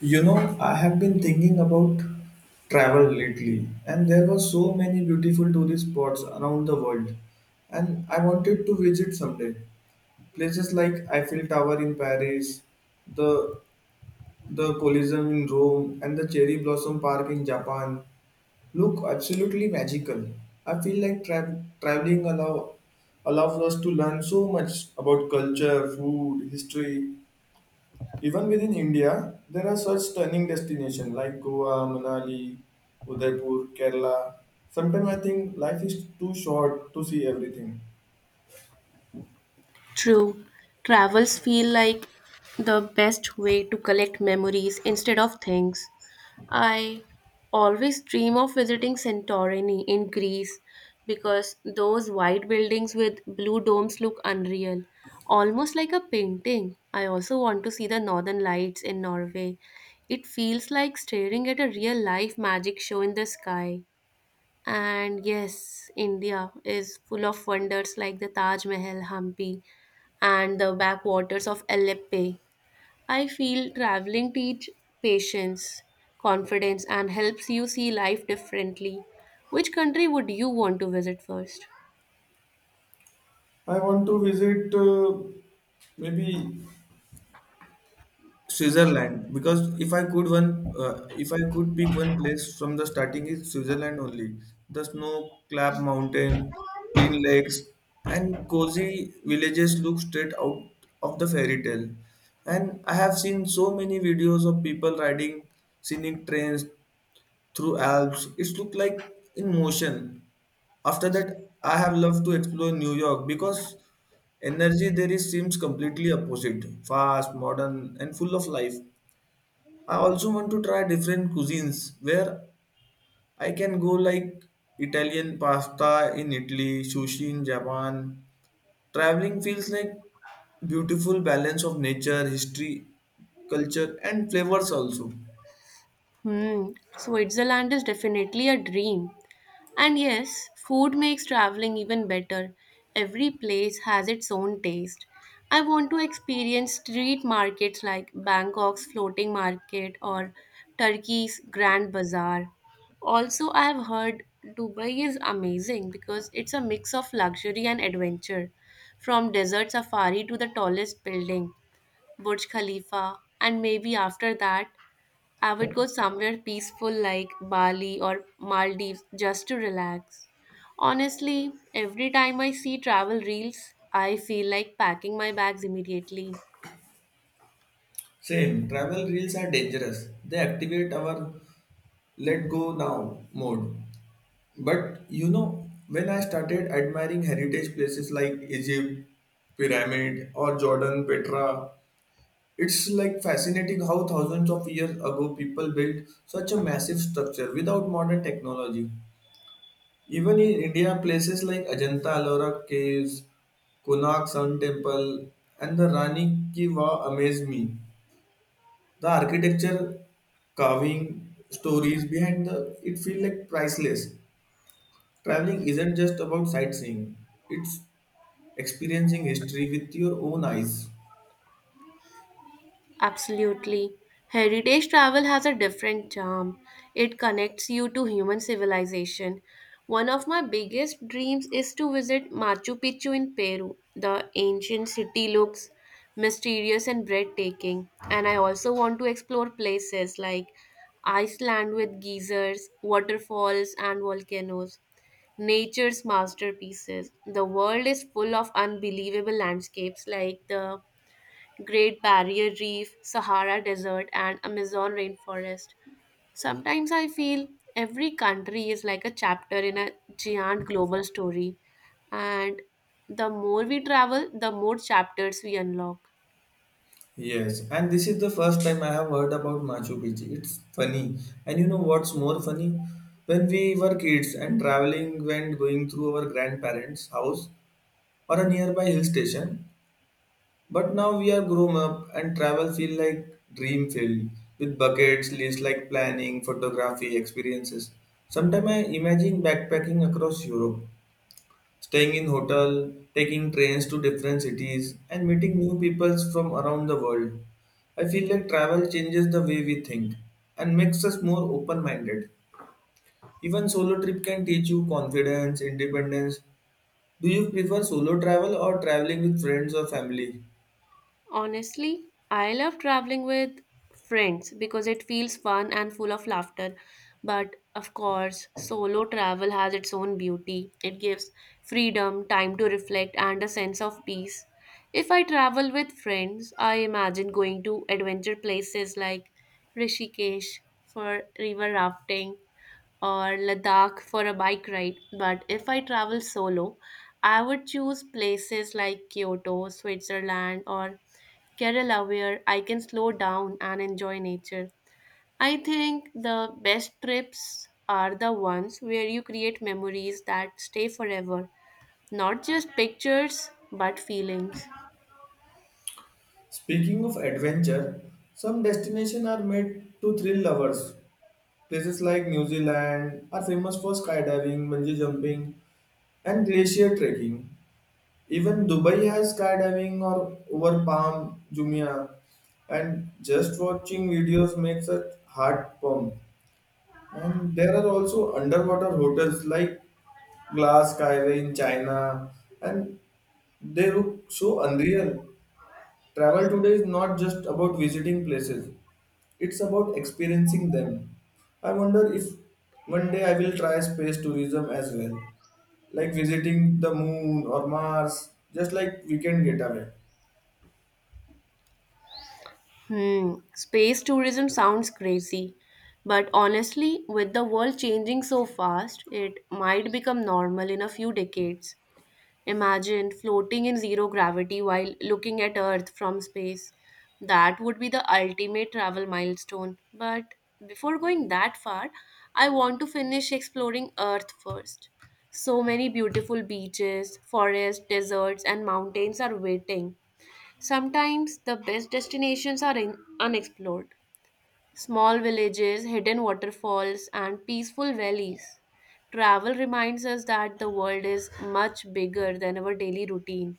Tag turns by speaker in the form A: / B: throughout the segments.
A: You know, I have been thinking about travel lately, and there were so many beautiful tourist spots around the world, and I wanted to visit someday. Places like Eiffel Tower in Paris, the the Colosseum in Rome, and the Cherry Blossom Park in Japan look absolutely magical. I feel like traveling allows us to learn so much about culture, food, history. Even within India, there are such stunning destinations like Goa, Manali, Udaipur, Kerala. Sometimes I think life is too short to see everything.
B: True. Travels feel like the best way to collect memories instead of things. I always dream of visiting Santorini in Greece because those white buildings with blue domes look unreal, almost like a painting. I also want to see the northern lights in Norway. It feels like staring at a real life magic show in the sky. And yes, India is full of wonders like the Taj Mahal, Hampi, and the backwaters of Aleppe. I feel traveling teach patience, confidence, and helps you see life differently. Which country would you want to visit first?
A: I want to visit maybe Switzerland, because if I could pick one place from the starting is Switzerland only. The snow clad mountain, clean lakes, and cozy villages look straight out of the fairy tale. And I have seen so many videos of people riding scenic trains through Alps. It looked like in motion. After that, I have loved to explore New York because energy there is seems completely opposite, fast, modern, and full of life. I also want to try different cuisines where I can go like Italian pasta in Italy, sushi in Japan. Traveling feels like beautiful balance of nature, history, culture and flavors also.
B: Hmm, Switzerland is definitely a dream. And yes, food makes traveling even better. Every place has its own taste. I want to experience street markets like Bangkok's floating market or Turkey's Grand Bazaar. Also, I have heard Dubai is amazing because it's a mix of luxury and adventure, from desert safari to the tallest building, Burj Khalifa, and maybe after that, I would go somewhere peaceful like Bali or Maldives just to relax. Honestly, every time I see travel reels, I feel like packing my bags immediately.
A: Same, travel reels are dangerous. They activate our let go now mode. But you know, when I started admiring heritage places like Egypt, Pyramid, or Jordan, Petra, it's like fascinating how thousands of years ago people built such a massive structure without modern technology. Even in India, places like Ajanta Ellora caves, Konark Sun Temple, and the Rani Ki Vav amaze me. The architecture, carving, stories behind the it feel like priceless. Traveling isn't just about sightseeing; it's experiencing history with your own eyes.
B: Absolutely. Heritage travel has a different charm. It connects you to human civilization. One of my biggest dreams is to visit Machu Picchu in Peru. The ancient city looks mysterious and breathtaking. And I also want to explore places like Iceland with geysers, waterfalls, and volcanoes. Nature's masterpieces. The world is full of unbelievable landscapes like the Great Barrier Reef, Sahara Desert, and Amazon rainforest. Sometimes I feel every country is like a chapter in a giant global story, and the more we travel, the more chapters we unlock.
A: Yes, and this is the first time I have heard about Machu Picchu. It's funny. And you know what's more funny? When we were kids and traveling when going through our grandparents' house or a nearby hill station, but now we are grown up and travel feel like dream filled with buckets list like planning, photography, experiences. Sometimes I imagine backpacking across Europe staying in hotel, taking trains to different cities, and meeting new peoples from around the world. I feel like travel changes the way we think and makes us more open-minded. Even solo trip can teach you confidence, independence. Do you prefer solo travel or traveling with friends or family?
B: Honestly, I love traveling with friends because it feels fun and full of laughter. But of course, solo travel has its own beauty. It gives freedom, time to reflect, and a sense of peace. If I travel with friends, I imagine going to adventure places like Rishikesh for river rafting or Ladakh for a bike ride. But if I travel solo, I would choose places like Kyoto, Switzerland, or Kerala where I can slow down and enjoy nature. I think the best trips are the ones where you create memories that stay forever, not just pictures but feelings.
A: Speaking of adventure, some destinations are made to thrill lovers. Places like New Zealand are famous for skydiving, bungee jumping, and glacier trekking. Even Dubai has skydiving or over Palm Jumeirah, and just watching videos makes a heart pump. And there are also underwater hotels like Glass Skyway in China, and they look so unreal. Travel today is not just about visiting places; it's about experiencing them. I wonder if one day I will try space tourism as well, like visiting the moon or Mars, just like we can get away.
B: Hmm, space tourism sounds crazy, but honestly, with the world changing so fast, it might become normal in a few decades. Imagine floating in zero gravity while looking at Earth from space. That would be the ultimate travel milestone. But before going that far, I want to finish exploring Earth first. So many beautiful beaches, forests, deserts, and mountains are waiting. Sometimes the best destinations are unexplored small villages, hidden waterfalls, and peaceful valleys. Travel reminds us that the world is much bigger than our daily routine.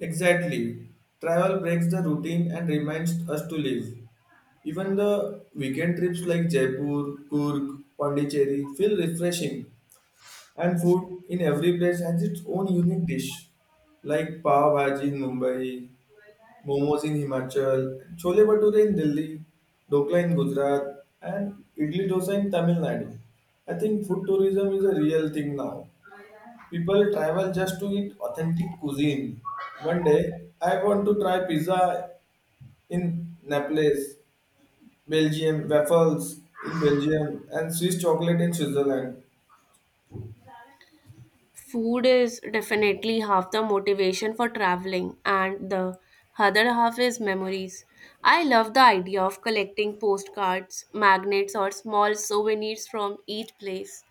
A: Exactly. Travel breaks the routine and reminds us to live. Even the weekend trips like Jaipur, Kurg, Pondicherry feel refreshing, and food in every place has its own unique dish, like pav bhaji in Mumbai, momos in Himachal, chole bhature in Delhi, dokla in Gujarat, and idli dosa in Tamil Nadu. I think food tourism is a real thing now. People travel just to eat authentic cuisine. One day, I want to try pizza in Naples, Belgium, waffles in Belgium, and Swiss chocolate in Switzerland.
B: Food is definitely half the motivation for traveling, and the other half is memories. I love the idea of collecting postcards, magnets, or small souvenirs from each place.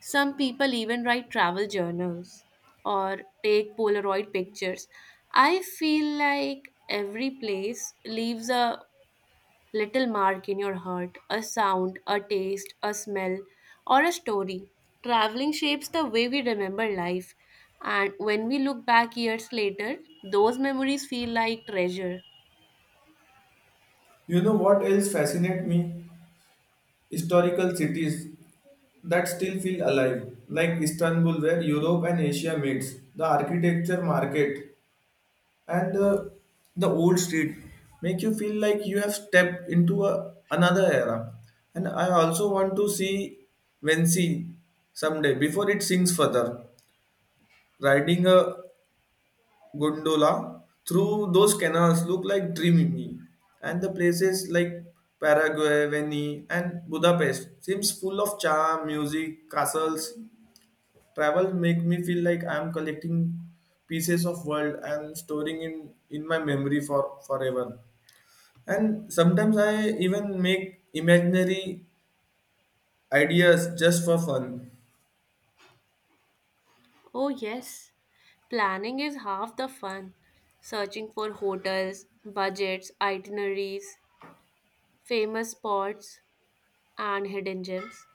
B: Some people even write travel journals or take Polaroid pictures. I feel like every place leaves a little mark in your heart, a sound, a taste, a smell, or a story. Traveling shapes the way we remember life, and when we look back years later, those memories feel like treasure.
A: You know what else fascinates me? Historical cities that still feel alive, like Istanbul, where Europe and Asia meets. The architecture market and the old street make you feel like you have stepped into another era. And I also want to see Vensi someday before it sinks further, riding a gondola through those canals look like dreamy, and the places like Paraguay, Venice, and Budapest seems full of charm music castles. Travel make me feel like I'm collecting pieces of world and storing in my memory for forever. And sometimes I even make imaginary ideas just for fun.
B: Oh, yes, planning is half the fun. Searching for hotels, budgets, itineraries, famous spots, and hidden gems.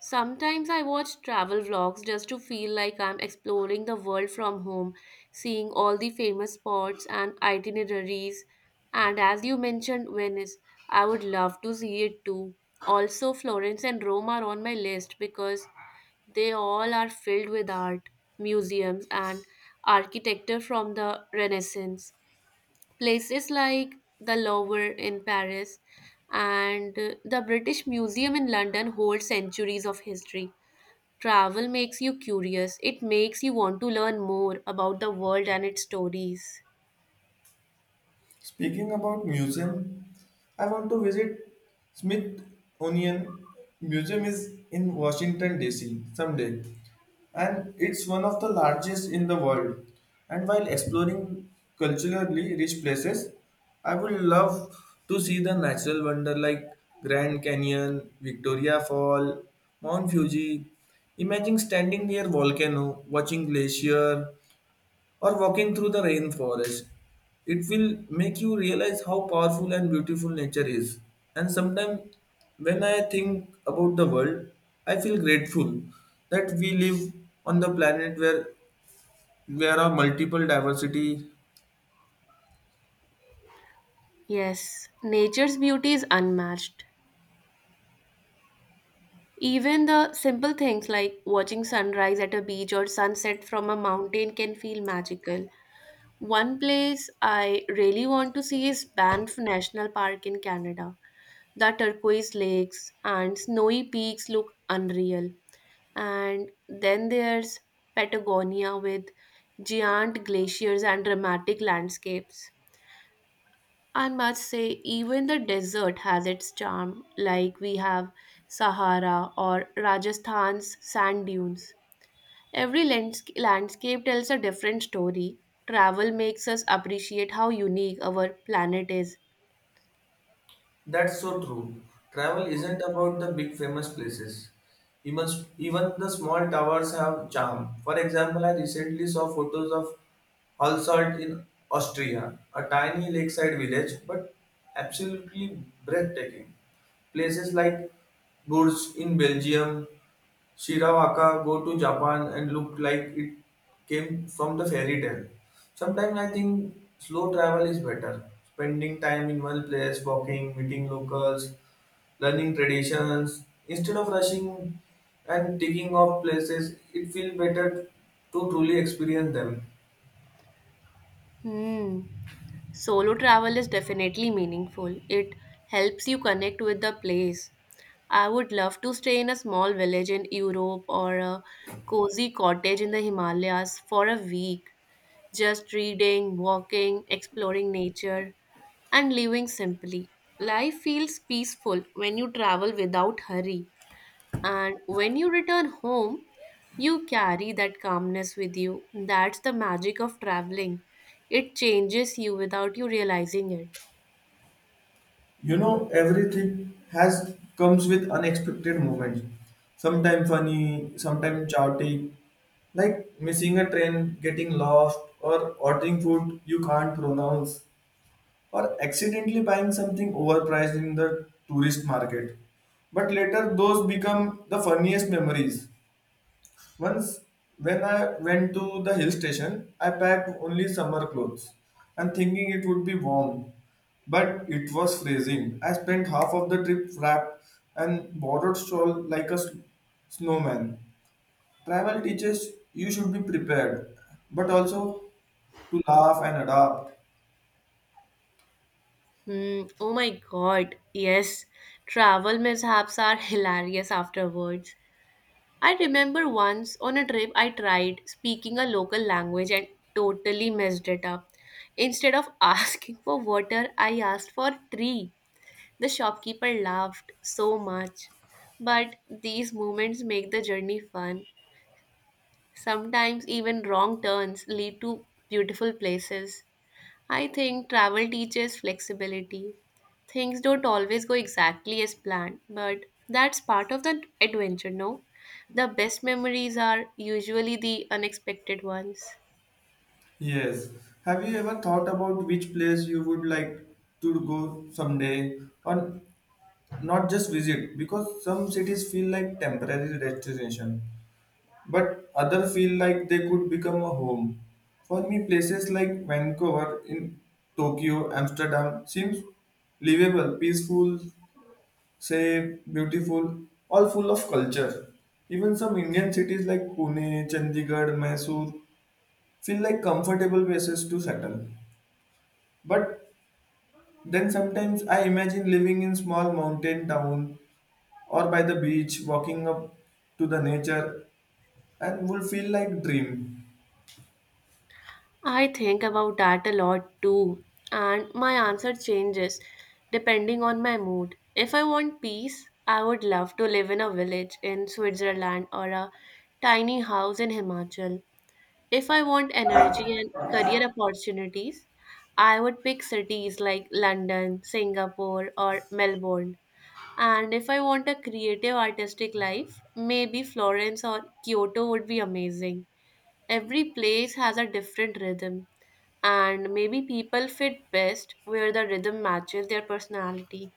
B: Sometimes I watch travel vlogs just to feel like I'm exploring the world from home, seeing all the famous spots and itineraries. And as you mentioned, Venice, I would love to see it too. Also, Florence and Rome are on my list because they all are filled with art, museums, and architecture from the Renaissance. Places like the Louvre in Paris and the British Museum in London hold centuries of history. Travel makes you curious. It makes you want to learn more about the world and its stories.
A: Speaking about museum, I want to visit Smithsonian Museum is in Washington DC someday and it's one of the largest in the world. And while exploring culturally rich places, I would love to see the natural wonder like Grand Canyon, Victoria Fall, Mount Fuji. Imagine standing near volcano, watching glacier or walking through the rainforest. It will make you realize how powerful and beautiful nature is. And sometimes, when I think about the world, I feel grateful that we live on the planet where there are multiple diversity.
B: Yes, nature's beauty is unmatched. Even the simple things like watching sunrise at a beach or sunset from a mountain can feel magical. One place I really want to see is Banff National Park in Canada. The turquoise lakes and snowy peaks look unreal. And then there's Patagonia with giant glaciers and dramatic landscapes. I must say, even the desert has its charm, like we have Sahara or Rajasthan's sand dunes. Every landscape tells a different story. Travel makes us appreciate how unique our planet is.
A: That's so true. Travel isn't about the big famous places. Even, even the small towers have charm. For example, I recently saw photos of Alsalt in Austria, a tiny lakeside village, but absolutely breathtaking. Places like Bourges in Belgium, Shirawaka go to Japan and looked like it came from the fairy tale. Sometimes I think slow travel is better. Spending time in one place, walking, meeting locals, learning traditions, instead of rushing and ticking off places, it feels better to truly experience them.
B: Hmm. Solo travel is definitely meaningful. It helps you connect with the place. I would love to stay in a small village in Europe or a cozy cottage in the Himalayas for a week, just reading, walking, exploring nature, and living simply. Life feels peaceful when you travel without hurry. And when you return home, you carry that calmness with you. That's the magic of traveling. It changes you without you realizing it.
A: You know, everything has comes with unexpected moments. Sometimes funny, sometimes chaotic, like missing a train, getting lost, or ordering food you can't pronounce, or accidentally buying something overpriced in the tourist market. But later, those become the funniest memories. Once, when I went to the hill station, I packed only summer clothes and thinking it would be warm, but it was freezing. I spent half of the trip wrapped and borrowed shawl like a snowman. Travel teaches you should be prepared, but also to laugh and adapt.
B: Hmm. Oh my God. Yes. Travel mishaps are hilarious afterwards. I remember once on a trip I tried speaking a local language and totally messed it up. Instead of asking for water, I asked for tree. The shopkeeper laughed so much. But these moments make the journey fun. Sometimes even wrong turns lead to beautiful places. I think travel teaches flexibility. Things don't always go exactly as planned, but that's part of the adventure, no? The best memories are usually the unexpected ones.
A: Yes. Have you ever thought about which place you would like to go someday? Or not just visit because some cities feel like temporary destination but other feel like they could become a home for me places like Vancouver, in Tokyo, Amsterdam seems livable, peaceful, safe, beautiful, all full of culture. Even some Indian cities like Pune, Chandigarh, Mysore feel like comfortable places to settle, but then sometimes I imagine living in small mountain town or by the beach walking up to the nature and would feel like dream.
B: I think about that a lot too, and my answer changes depending on my mood. If I want peace, I would love to live in a village in Switzerland or a tiny house in Himachal. If I want energy and career opportunities, I would pick cities like London, Singapore, or Melbourne. And if I want a creative artistic life, maybe Florence or Kyoto would be amazing. Every place has a different rhythm, and maybe people fit best where the rhythm matches their personality.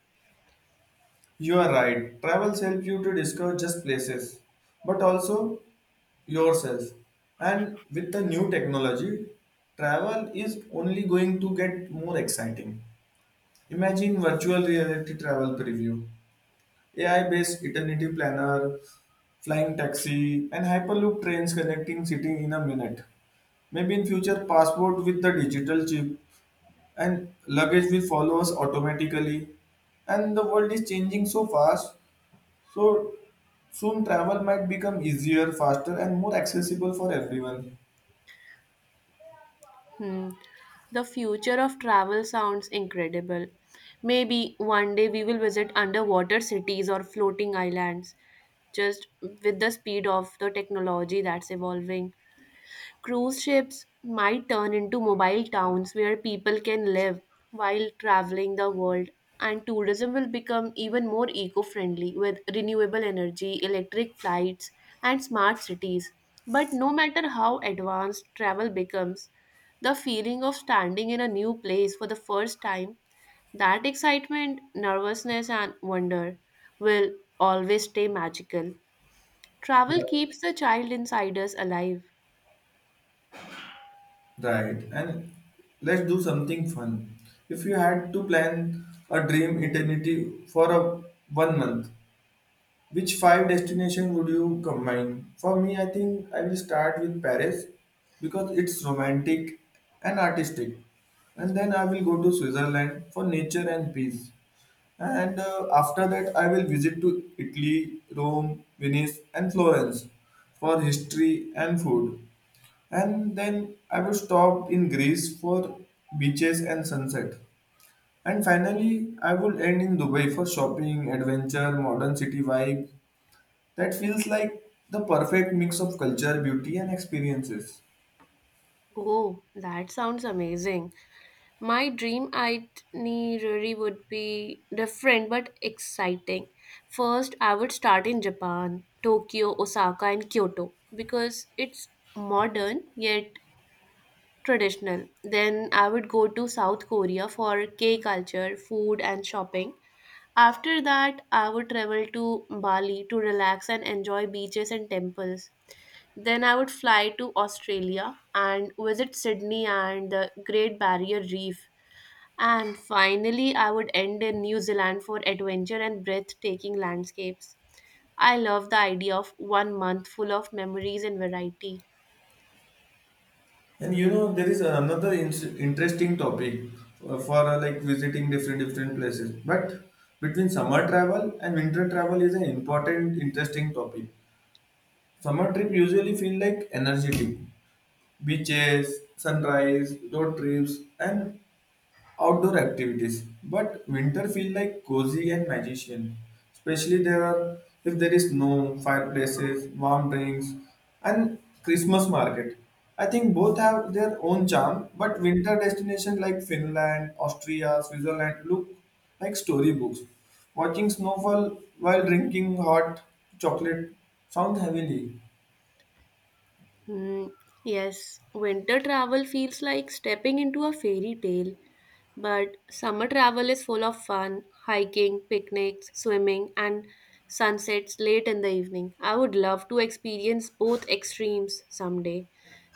A: You are right, travels help you to discover just places but also yourself, and with the new technology travel is only going to get more exciting. Imagine virtual reality travel preview, AI based eternity planner, flying taxi and hyperloop trains connecting city in a minute. Maybe in future passport with the digital chip and luggage will follow us automatically, and the world is changing so fast, so soon travel might become easier, faster and more accessible for everyone.
B: Hmm. The future of travel sounds incredible. Maybe one day we will visit underwater cities or floating islands, just with the speed of the technology that's evolving. Cruise ships might turn into mobile towns where people can live while traveling the world, and tourism will become even more eco friendly with renewable energy, electric flights, and smart cities. But no matter how advanced travel becomes, the feeling of standing in a new place for the first time, that excitement, nervousness, and wonder will always stay magical. Travel
A: Yeah.
B: keeps the child inside us alive.
A: Right, and let's do something fun. If you had to plan a dream eternity for a 1 month. Which five destination would you combine? For me, I think I will start with Paris because it's romantic and artistic. And then I will go to Switzerland for nature and peace. And after that, I will visit to Italy, Rome, Venice, and Florence for history and food. And then I will stop in Greece for beaches and sunset. And finally, I will end in Dubai for shopping, adventure, modern city vibe, that feels like the perfect mix of culture, beauty, and experiences.
B: Oh, that sounds amazing. My dream itinerary would be different but exciting. First, I would start in Japan, Tokyo, Osaka, and Kyoto because it's modern yet traditional. Then, I would go to South Korea for K culture, food, and shopping. After that, I would travel to Bali to relax and enjoy beaches and temples. Then I would fly to Australia and visit Sydney and the Great Barrier Reef. And finally, I would end in New Zealand for adventure and breathtaking landscapes. I love the idea of one month full of memories and variety.
A: And you know, there is another interesting topic for like visiting different places. But between summer travel and winter travel is an important, interesting topic. Summer trip usually feel like energetic, beaches, sunrise, road trips, and outdoor activities, but winter feel like cozy and magician. Especially there are if there is snow, fireplaces, warm drinks, and Christmas market. I think both have their own charm, but winter destinations like Finland, Austria, Switzerland look like storybooks. Watching snowfall while drinking hot chocolate sounds heavenly.
B: Hmm, yes, winter travel feels like stepping into a fairy tale. But summer travel is full of fun, hiking, picnics, swimming, and sunsets late in the evening. I would love to experience both extremes someday.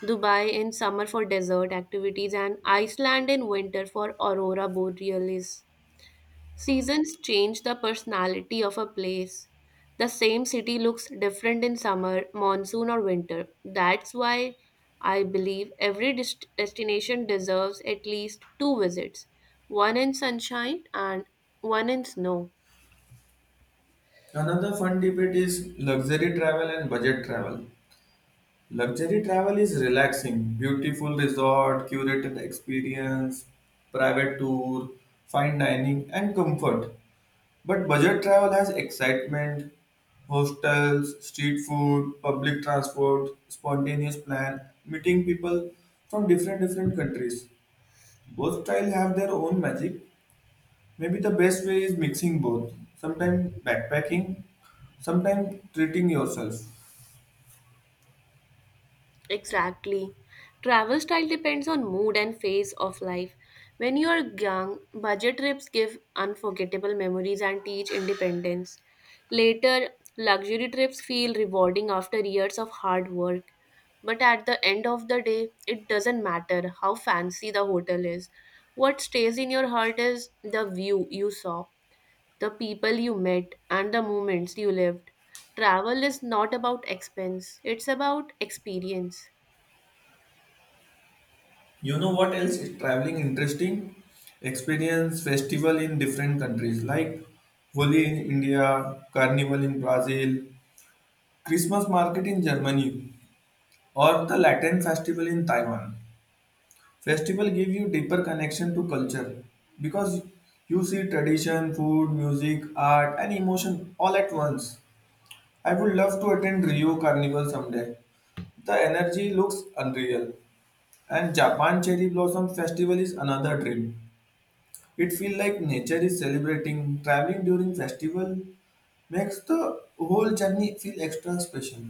B: Dubai in summer for desert activities and Iceland in winter for aurora borealis. Seasons change the personality of a place. The same city looks different in summer, monsoon, or winter. That's why I believe every destination deserves at least two visits one in sunshine and one in snow.
A: Another fun debate is luxury travel and budget travel. Luxury travel is relaxing, beautiful resort, curated experience, private tour, fine dining, and comfort. But budget travel has excitement, hostels, street food, public transport, spontaneous plan, meeting people from different countries. Both style have their own magic. Maybe the best way is mixing both. Sometimes backpacking, sometimes treating yourself.
B: Exactly. Travel style depends on mood and phase of life. When you are young, budget trips give unforgettable memories and teach independence. Later, luxury trips feel rewarding after years of hard work. But at the end of the day, it doesn't matter how fancy the hotel is. What stays in your heart is the view you saw, the people you met, and the moments you lived. Travel is not about expense, it's about experience.
A: You know what else is traveling interesting? Experience festival in different countries like Holi in India, Carnival in Brazil, Christmas market in Germany, or the Latin festival in Taiwan. Festival give you deeper connection to culture because you see tradition, food, music, art, and emotion all at once. I would love to attend Rio Carnival someday. The energy looks unreal, and Japan Cherry Blossom Festival is another dream. It feels like nature is celebrating. Traveling during festival makes the whole journey feel extra special.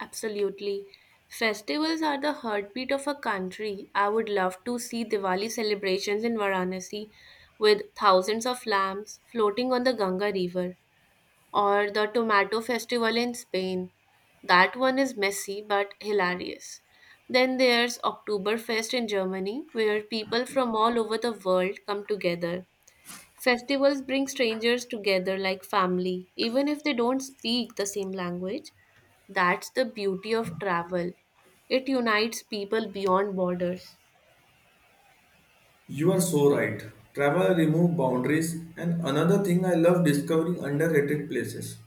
B: Absolutely. Festivals are the heartbeat of a country. I would love to see Diwali celebrations in Varanasi with thousands of lamps floating on the Ganga River or the tomato festival in Spain. That one is messy but hilarious. Then there's Oktoberfest in Germany where people from all over the world come together. Festivals bring strangers together like family, even if they don't speak the same language. That's the beauty of travel. It unites people beyond borders.
A: You are so right. Travel remove boundaries and another thing I love discovering underrated places.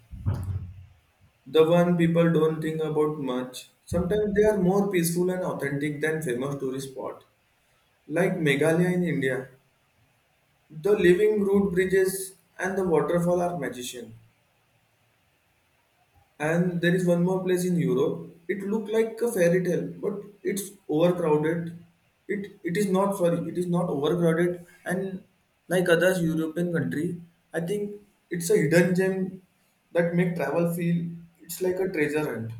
A: The one people don't think about much. Sometimes they are more peaceful and authentic than famous tourist spot. Like Meghalaya in India. The living root bridges and the waterfall are magician. And there is one more place in Europe. It looked like a fairy tale, but it's overcrowded. It is not, sorry, it is not overcrowded. And like others European country, I think it's a hidden gem that make travel feel it's like a treasure hunt.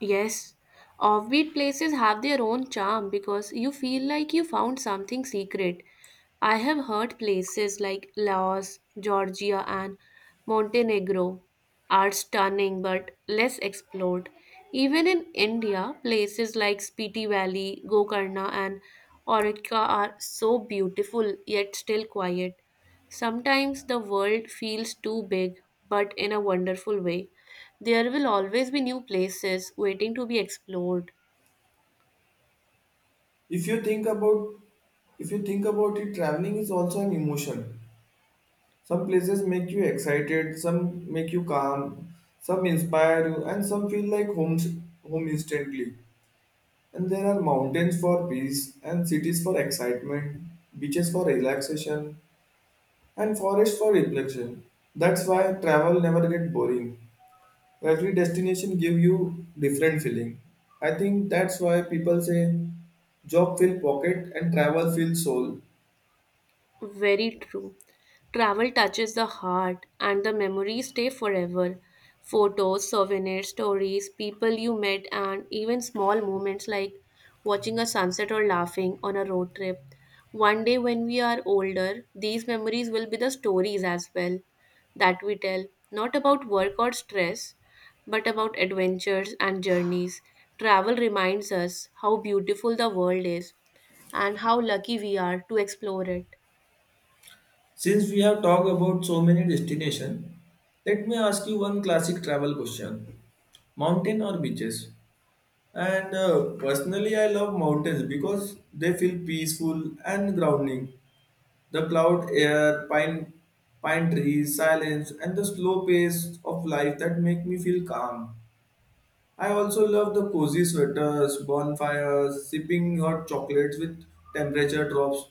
B: Yes, offbeat places have their own charm because you feel like you found something secret. I have heard places like Laos, Georgia, and Montenegro are stunning but less explored. Even in India, places like Spiti Valley, Gokarna, and Orika are so beautiful yet still quiet. Sometimes the world feels too big, but in a wonderful way. There will always be new places waiting to be explored.
A: If you think about if you think about it, traveling is also an emotion. Some places make you excited, some make you calm, some inspire you, and some feel like home instantly. And there are mountains for peace, and cities for excitement, beaches for relaxation, and forests for reflection. That's why travel never get boring. Every destination give you different feeling. I think that's why people say job fill pocket and travel fill soul.
B: Very true. Travel touches the heart and the memories stay forever. Photos, souvenirs, stories, people you met, and even small moments like watching a sunset or laughing on a road trip. One day, when we are older, these memories will be the stories as well that we tell, not about work or stress, but about adventures and journeys. Travel reminds us how beautiful the world is and how lucky we are to explore it.
A: Since we have talked about so many destinations, let me ask you one classic travel question. Mountain or beaches? And personally, I love mountains because they feel peaceful and grounding. The cloud air, pine trees, silence, and the slow pace of life that make me feel calm. I also love the cozy sweaters, bonfires, sipping hot chocolates with temperature drops.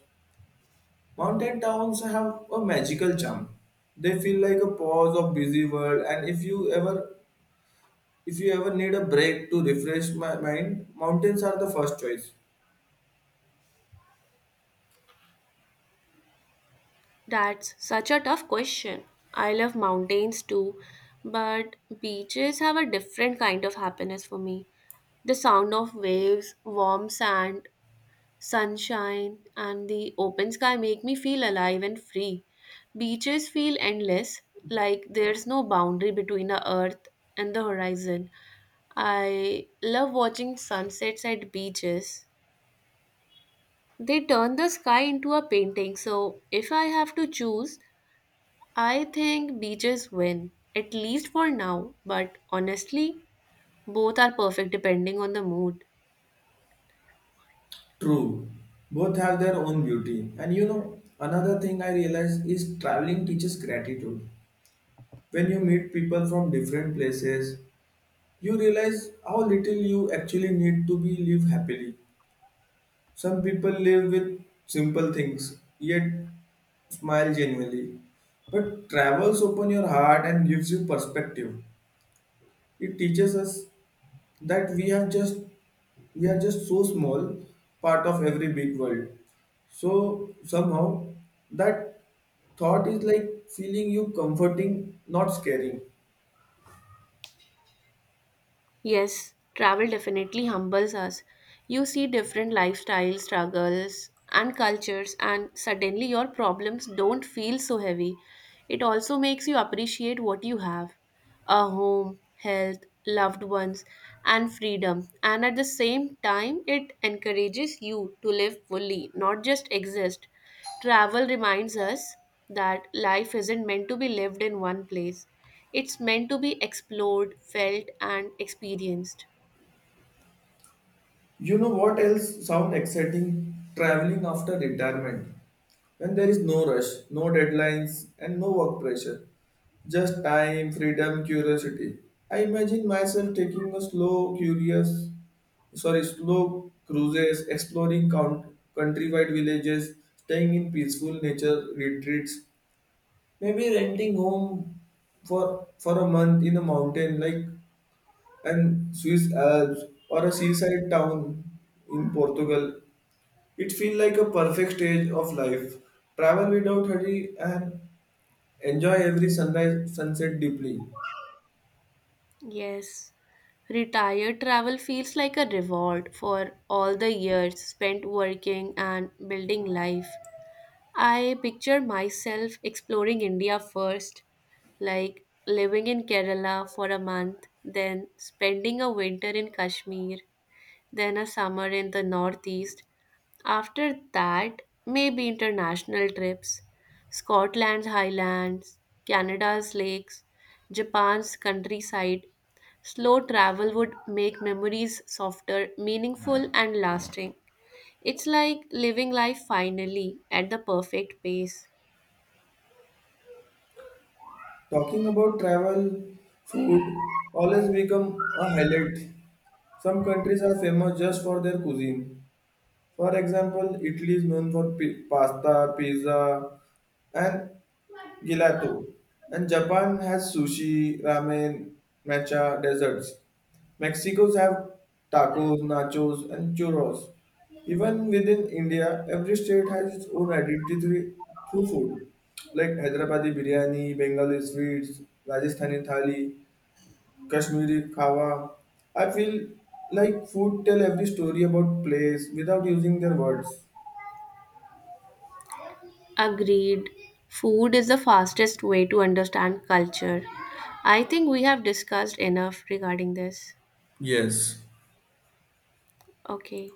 A: Mountain towns have a magical charm. They feel like a pause of busy world, and if you ever need a break to refresh my mind, mountains are the first choice.
B: That's such a tough question. I love mountains too, but beaches have a different kind of happiness for me. The sound of waves, warm sand, sunshine, and the open sky make me feel alive and free. Beaches feel endless, like there's no boundary between the earth and the horizon. I love watching sunsets at beaches. They turn the sky into a painting, so if I have to choose, I think beaches win, at least for now, but honestly, both are perfect depending on the mood.
A: True, both have their own beauty. And you know, another thing I realized is traveling teaches gratitude. When you meet people from different places, you realize how little you actually need to be live happily. Some people live with simple things, yet smile genuinely. But travels open your heart and gives you perspective. It teaches us that we are just so small part of every big world. So somehow that thought is like feeling you comforting, not scaring.
B: Yes, travel definitely humbles us. You see different lifestyles, struggles, and cultures, and suddenly your problems don't feel so heavy. It also makes you appreciate what you have a home, health, loved ones, and freedom. And at the same time, it encourages you to live fully, not just exist. Travel reminds us that life isn't meant to be lived in one place, it's meant to be explored, felt, and experienced.
A: You know what else sound exciting? Traveling after retirement. When there is no rush, no deadlines, and no work pressure. Just time, freedom, curiosity. I imagine myself taking a slow cruises, exploring countrywide villages, staying in peaceful nature retreats. Maybe renting home for a month in a mountain like and Swiss Alps or a seaside town in Portugal. It feels like a perfect stage of life. Travel without hurry and enjoy every sunrise sunset deeply.
B: Yes, retired travel feels like a reward for all the years spent working and building life. I picture myself exploring India first, like living in Kerala for a month, then spending a winter in Kashmir, then a summer in the northeast. After that, maybe international trips Scotland's highlands, Canada's lakes, Japan's countryside. Slow travel would make memories softer, meaningful, and lasting. It's like living life finally at the perfect pace.
A: Talking about travel, food always become a highlight. Some countries are famous just for their cuisine. For example, Italy is known for pasta, pizza, and Gelato. And Japan has sushi, ramen, matcha, desserts. Mexico's have tacos, nachos, and churros. Even within India, every state has its own identity through food, like Hyderabadi biryani, Bengali sweets, Rajasthani thali, Kashmiri khawa. I feel like food tell every story about place without using their words.
B: Agreed. Food is the fastest way to understand culture. I think we have discussed enough regarding this.
A: Yes,
B: Okay.